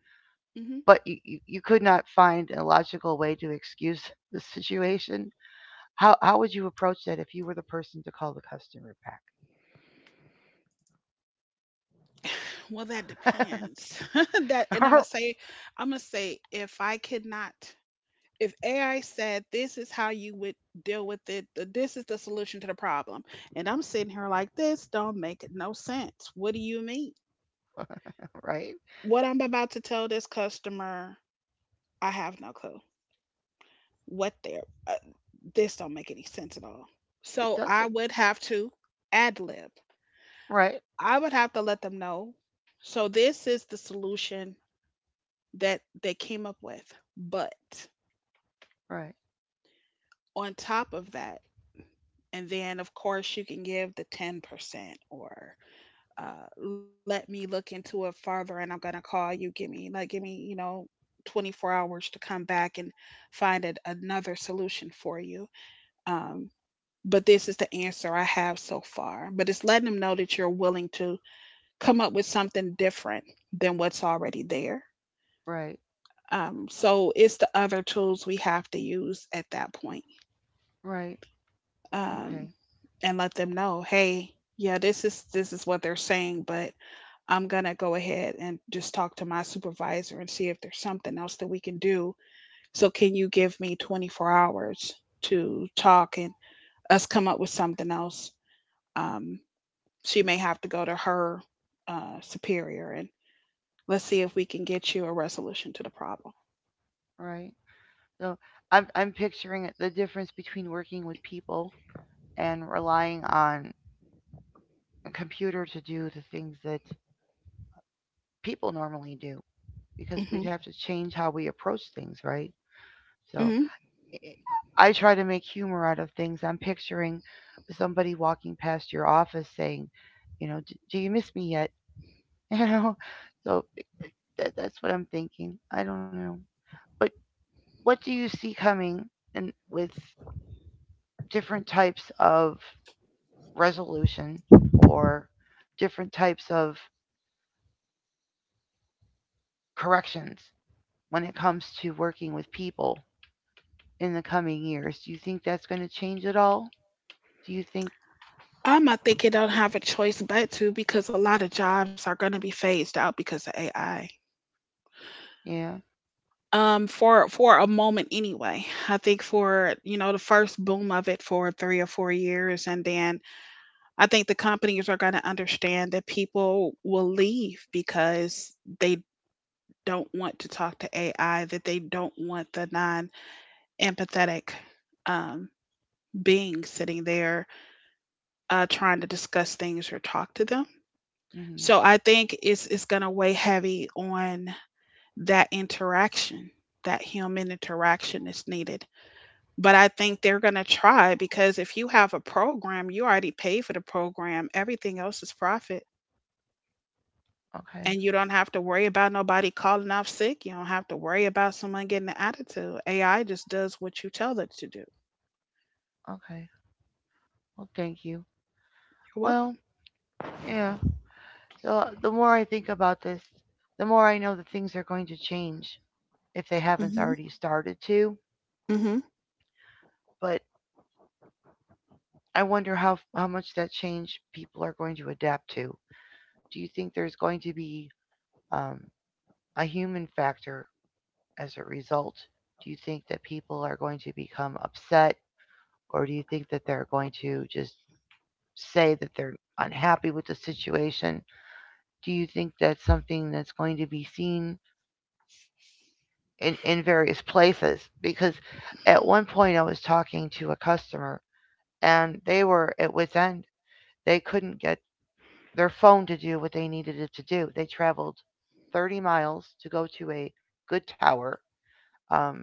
Mhm.
but you could not find a logical way to excuse the situation. How would you approach that if you were the person to call the customer
Well, that
back?
depends. that and I'm gonna say, if I could not, if AI said this is how you would deal with it, this is the solution to the problem. And I'm sitting here like, this don't make no sense. What do you mean?
Right?
What I'm about to tell this customer, I have no clue. What they're this don't make any sense at all.
It
So I
doesn't.
would have to ad lib.
Right,
I would have to let them know. So this is the solution that they came up with. But
right,
on top of that, and then of course you can give the 10% or uh, let me look into it further and I'm gonna call you. Give me like give me, You know, 24 hours to come back and find another solution for you. Um, but this is the answer I have so far. But it's letting them know that you're willing to come up with something different than what's already there.
right,
So it's the other tools we have to use at that point,
right.
um,
Okay,
and let them know, hey, yeah, this is what they're saying, but I'm going to go ahead and just talk to my supervisor and see if there's something else that we can do. So, can you give me 24 hours to talk and us come up with something else? Um, she may have to go to her uh, superior and let's see if we can get you a resolution to the problem.
right. So I'm picturing the difference between working with people and relying on a computer to do the things that people normally do
mm
because
hmm
we'd have to change how we approach things, right?
mm
So
hmm
it- I try to make humor out of things. I'm picturing somebody walking past your office saying, Do you miss me yet? You know, so that's what I'm thinking. I don't know. But what do you see coming and with different types of resolution or different types of corrections when it comes to working with people in the coming years? Do you think that's going to change at all? Do you think,
I think it don't have a choice but to, because a lot of jobs are going to be phased out because of AI.
yeah?
For a moment anyway, I think for, you know, the first boom of it for 3 or 4 years. And then I think the companies are going to understand that people will leave because they don't want to talk to AI, that they don't want the non-empathetic, um, being sitting there trying to discuss things or talk to them.
Hmm.
So I think it's going to weigh heavy on that interaction, that human interaction that's needed. But I think they're going to try, because if you have a program, you already pay for the program. Everything else is profit.
Okay.
And you don't have to worry about nobody calling off sick. You don't have to worry about someone getting an attitude. AI just does what you tell it to do.
Okay. Well, thank you.
You're
Well,
welcome.
yeah. So the more I think about this, the more I know that things are going to change if they haven't
Hmm.
already started to.
Hmm.
But I wonder how much that change people are going to adapt to. Do you think there's going to be um, a human factor as a result? Do you think that people are going to become upset, or do you think that they're going to just say that they're unhappy with the situation? Do you think that's something that's going to be seen in various places because at one point I was talking to a customer and they were at wit's end. They couldn't get their phone to do what they needed it to do. They traveled 30 miles to go to a good tower. Um,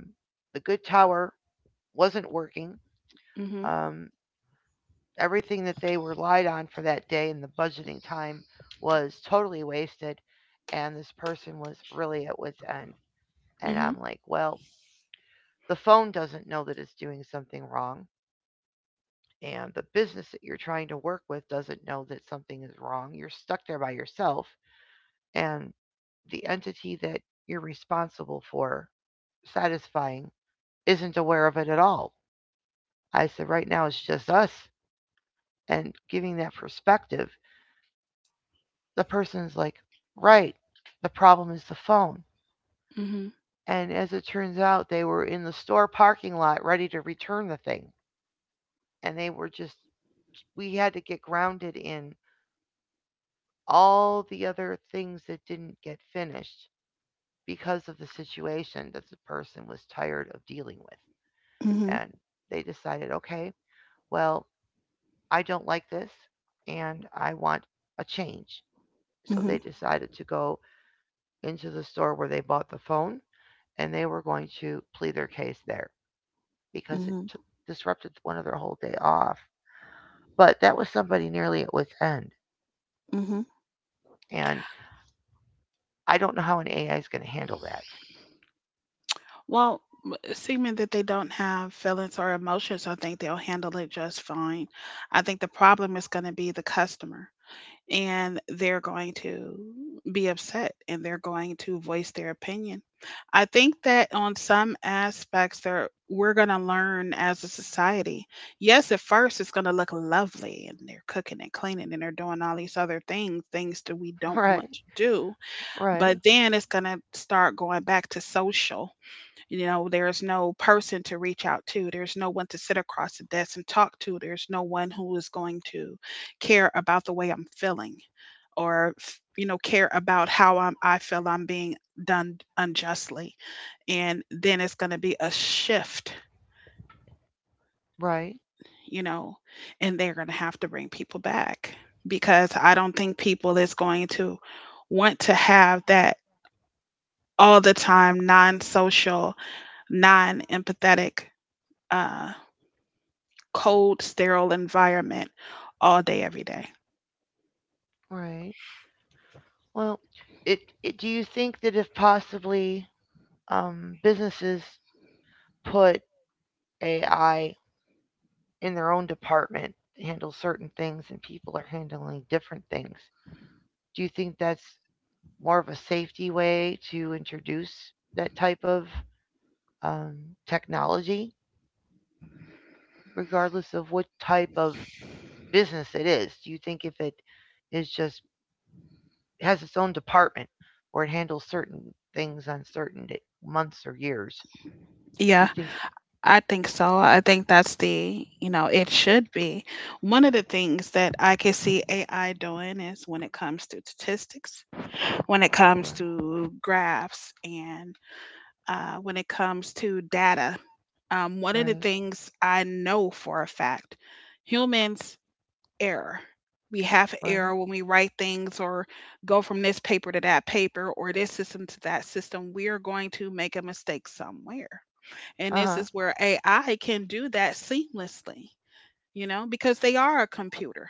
the good tower wasn't working.
Hmm.
Um, Everything that they relied on for that day and the budgeting time was totally wasted. And this person was really at wit's end. And I'm
Hmm.
like, well, the phone doesn't know that it's doing something wrong. And the business that you're trying to work with doesn't know that something is wrong. You're stuck there by yourself, and the entity that you're responsible for satisfying isn't aware of it at all. I said, right now it's just us. And giving that perspective, the person's like, right, the problem is the phone.
Hmm.
And as it turns out, they were in the store parking lot ready to return the thing. And they were just, we had to get grounded in all the other things that didn't get finished because of the situation that the person was tired of dealing with. And they decided, okay, well, I don't like this and I want a change. So
Hmm.
they
Hmm.
decided to go into the store where they bought the phone and they were going to plead their case there because
Hmm.
disrupted one of their whole day off. But that was somebody nearly at wit's end.
Hmm.
And I don't know how an AI is going to handle that.
Well, assuming that they don't have feelings or emotions, I think they'll handle it just fine. I think the problem is going to be the customer. And they're going to be upset and they're going to voice their opinion. I think that on some aspects there we're going to learn as a society. Yes, at first it's going to look lovely and they're cooking and cleaning and they're doing all these other things, things that we don't want to do,
Right, right,
but then it's going to start going back to social. You know, there's no person to reach out to. There's no one to sit across the desk and talk to. There's no one who is going to care about the way I'm feeling or care about how I feel I'm being done unjustly. And then it's going to be a shift,
right.
you know, and they're going to have to bring people back because I don't think people is going to want to have that all the time non-social, non-empathetic, uh, cold, sterile environment all day every day.
Right. Well, it do you think that if possibly um, businesses put AI in their own department to handle certain things and people are handling different things, do you think that's more of a safety way to introduce that type of um, technology, regardless of what type of business it is? Do you think if it is just has its own department where it handles certain things on certain da months or years? Do you
Yeah.
think?
I think so. I think that's the, it should be. One of the things that I can see AI doing is when it comes to statistics, when it comes
Right,
to graphs, and when it comes to data. One of the
right,
things I know for a fact, humans error. We have
right.
error when we write things or go from this paper to that paper or this system to that system. We are going to make a mistake somewhere, and
Uh
this
huh.
is where AI can do that seamlessly, you know, because they are a computer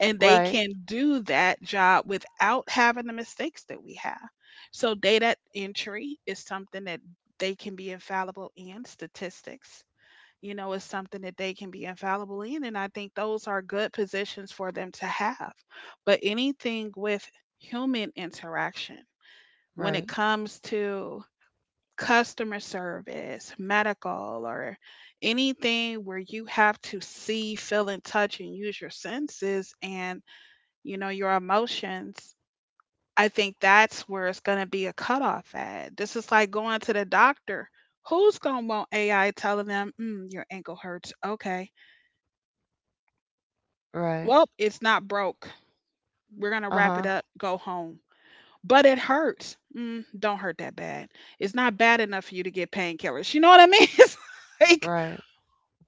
and they
Right,
can do that job without having the mistakes that we have. So data entry is something that they can be infallible in, statistics. You know, is something that they can be infallible in. And I think those are good positions for them to have. But anything with human interaction, when
right,
it comes to customer service, medical, or anything where you have to see, feel, and touch and use your senses and, you know, your emotions, I think that's where it's going to be a cutoff at. This is like going to the doctor. Who's going to want AI telling them, mm, your ankle hurts? Okay.
right.
Well, it's not broke. We're going to
Uh
wrap
huh.
it up, go home. But it hurts. Mm, don't hurt that bad. It's not bad enough for you to get painkillers. You know what I mean? It's like,
Right,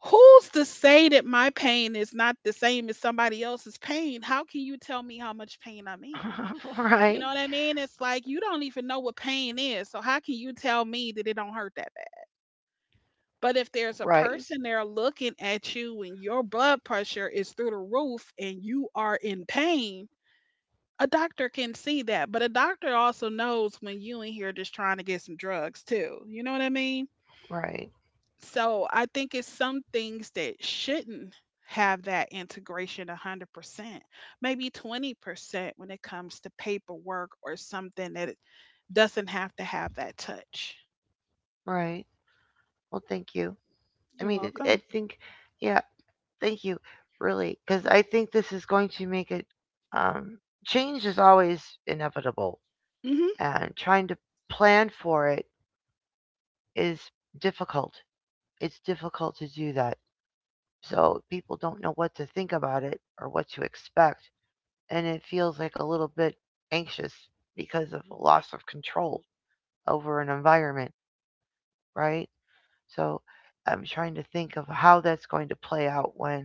who's to say that my pain is not the same as somebody else's pain? How can you tell me how much pain I'm in? You
right,
know what I mean? It's like you don't even know what pain is. So how can you tell me that it don't hurt that bad? But if there's a
right,
person there looking at you and your blood pressure is through the roof and you are in pain, a doctor can see that. But a doctor also knows when you in here just trying to get some drugs too. You know what I mean?
right,
So I think it's some things that shouldn't have that integration 100%, maybe 20% when it comes to paperwork or something that it doesn't have to have that touch.
right. Well, thank you. I
You're
mean, it, I
welcome.
think, yeah, thank you, really, because I think this is going to make it. Um, Change is always inevitable,
Mhm.
and trying to plan for it is difficult. It's difficult to do that. So people don't know what to think about it or what to expect. And it feels like a little bit anxious because of loss of control over an environment, right? So I'm trying to think of how that's going to play out when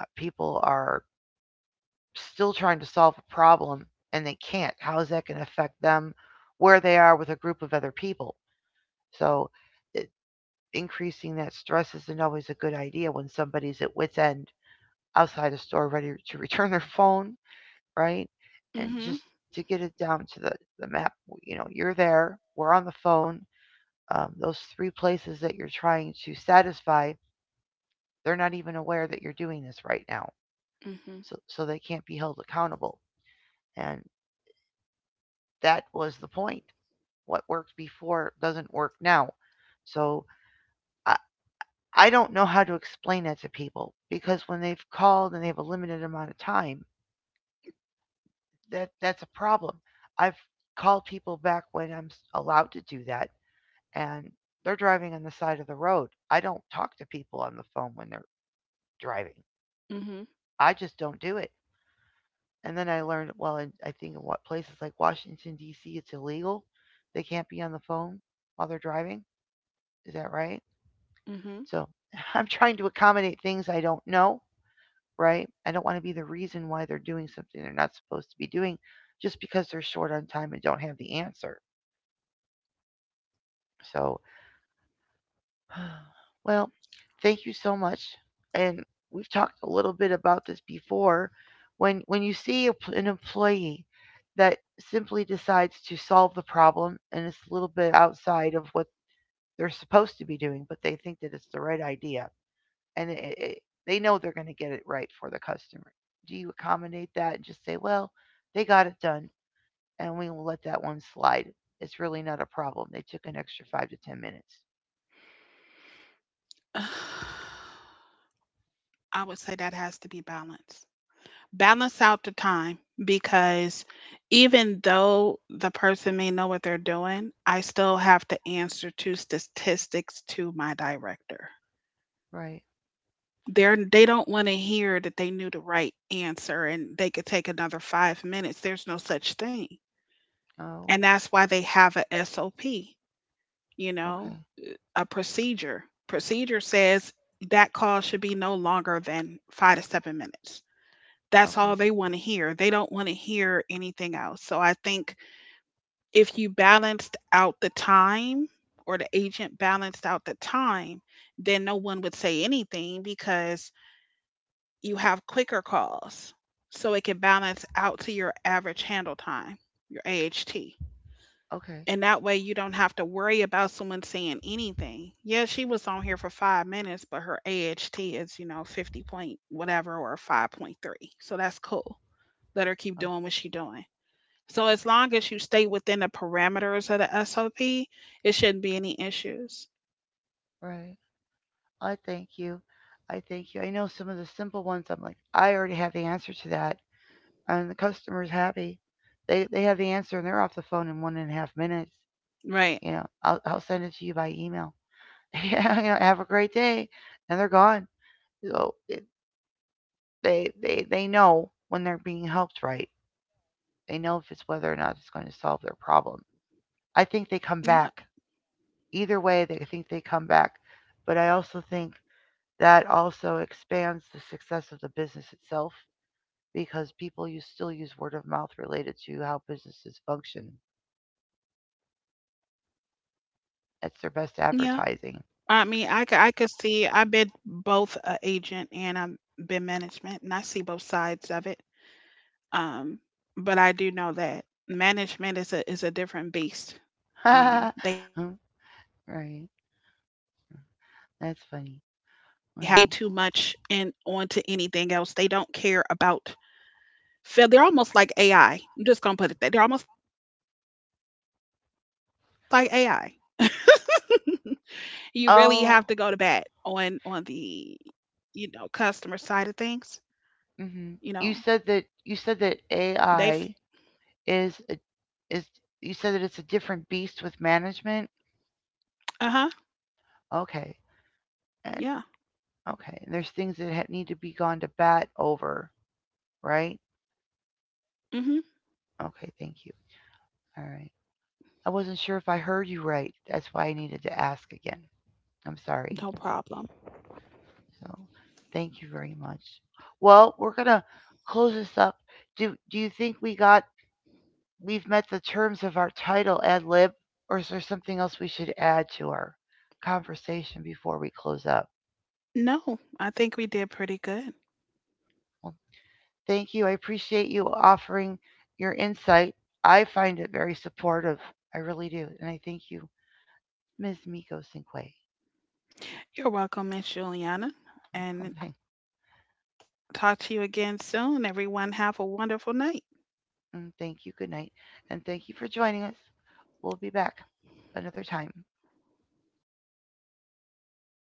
people are still trying to solve a problem and they can't. How is that going to affect them where they are with a group of other people? So it, increasing that stress isn't always a good idea when somebody's at wits end outside a store ready to return their phone right? And
Mhm.
just to get it down to the map, you know, you're there, we're on the phone. Those 3 places that you're trying to satisfy, they're not even aware that you're doing this right now.
Mhm.
So they can't be held accountable. And that was the point. What worked before doesn't work now. So I, I don't know how to explain that to people because when they've called and they have a limited amount of time, that's a problem. I've called people back when I'm allowed to do that and they're driving on the side of the road. I don't talk to people on the phone when they're driving.
Mhm.
I just don't do it. And then I learned, well, in, I think in what places like Washington D.C. it's illegal. They can't be on the phone while they're driving. Is that right?
Mhm.
So I'm trying to accommodate things I don't know. Right? I don't want to be the reason why they're doing something they're not supposed to be doing, just because they're short on time and don't have the answer. So well, thank you so much. And we've talked a little bit about this before. When you see a an employee that simply decides to solve the problem and it's a little bit outside of what they're supposed to be doing, but they think that it's the right idea and they know they're going to get it right for the customer. Do you accommodate that and just say, "Well, they got it done, and we will let that one slide. It's really not a problem. They took an extra 5 to 10 minutes."
I would say that has to be balanced. Balance out the time, because even though the person may know what they're doing, I still have to answer to statistics to my director.
Right.
They don't want to hear that they knew the right answer and they could take another five minutes. There's no such thing.
Oh.
And that's why they have a SOP, you
Okay.
know, a procedure. Procedure says that call should be no longer than five to seven minutes. That's all
Okay.
they want to hear. They don't want to hear anything else. So I think if you balanced out the time or the agent balanced out the time, then no one would say anything because you have quicker calls. So it can balance out to your average handle time, your AHT.
Okay.
And that way you don't have to worry about someone saying anything. Yeah, she was on here for five minutes, but her AHT is, you know, 50 point whatever or 5.3. So that's cool. Let her keep
All
doing what she's doing. So as long as you stay within the parameters of the SOP, it shouldn't be any issues.
right. I thank you. I thank you. I know some of the simple ones. I'm like, I already have the answer to that, and the customer's happy. They have the answer and they're off the phone in 1.5 minutes.
Right.
You know, I'll send it to you by email. Yeah. You know, have a great day, and they're gone.
Mm.
So
Mhm.
it, they know when they're being helped right. They know if it's whether or not it's going to solve their problem. I think they
Yeah.
come back either way. They I think they come back, but I also think that also expands the success of the business itself because people use, still use word of mouth related to how businesses function.
Yeah. I
That's
mean,
their best
I could see
advertising.
I've been both a agent and I've been management, and I see both sides of it. Um, but I do know that management is a different beast. They have a number
Right.
system, and they don't sway too
That's funny.
much in onto
Well,
anything else. They don't care about. Feel, they're almost like AI. I'm just gonna put it that they're almost like AI. You really have to go to bat on the, you
oh,
know, customer side of things. You know
hmm,
they've
you said that AI is a, is you said that it's a different beast with management.
Uh huh.
Okay,
Yeah.
and okay, there's things that need to be gone to bat over, right?
Mhm.
Okay, thank you. All right. I wasn't sure if I heard you right. That's why I needed to ask again. I'm
No
sorry.
problem.
So thank you very much. Well, we're gonna close this up. Do you think we got we've met the terms of our title ad lib, or is there something else we should add to our conversation before we close up?
No, I think we did pretty good.
Well, thank you. I appreciate you offering your insight. I find it very supportive. I really do, and I thank you, Ms. Miko Cinque.
You're welcome, Miss Juliana,
Oh,
and
thanks.
talk to you again soon. Everyone, have a wonderful night.
Mm, thank you. Good night. And thank you for joining us. We'll be back another time.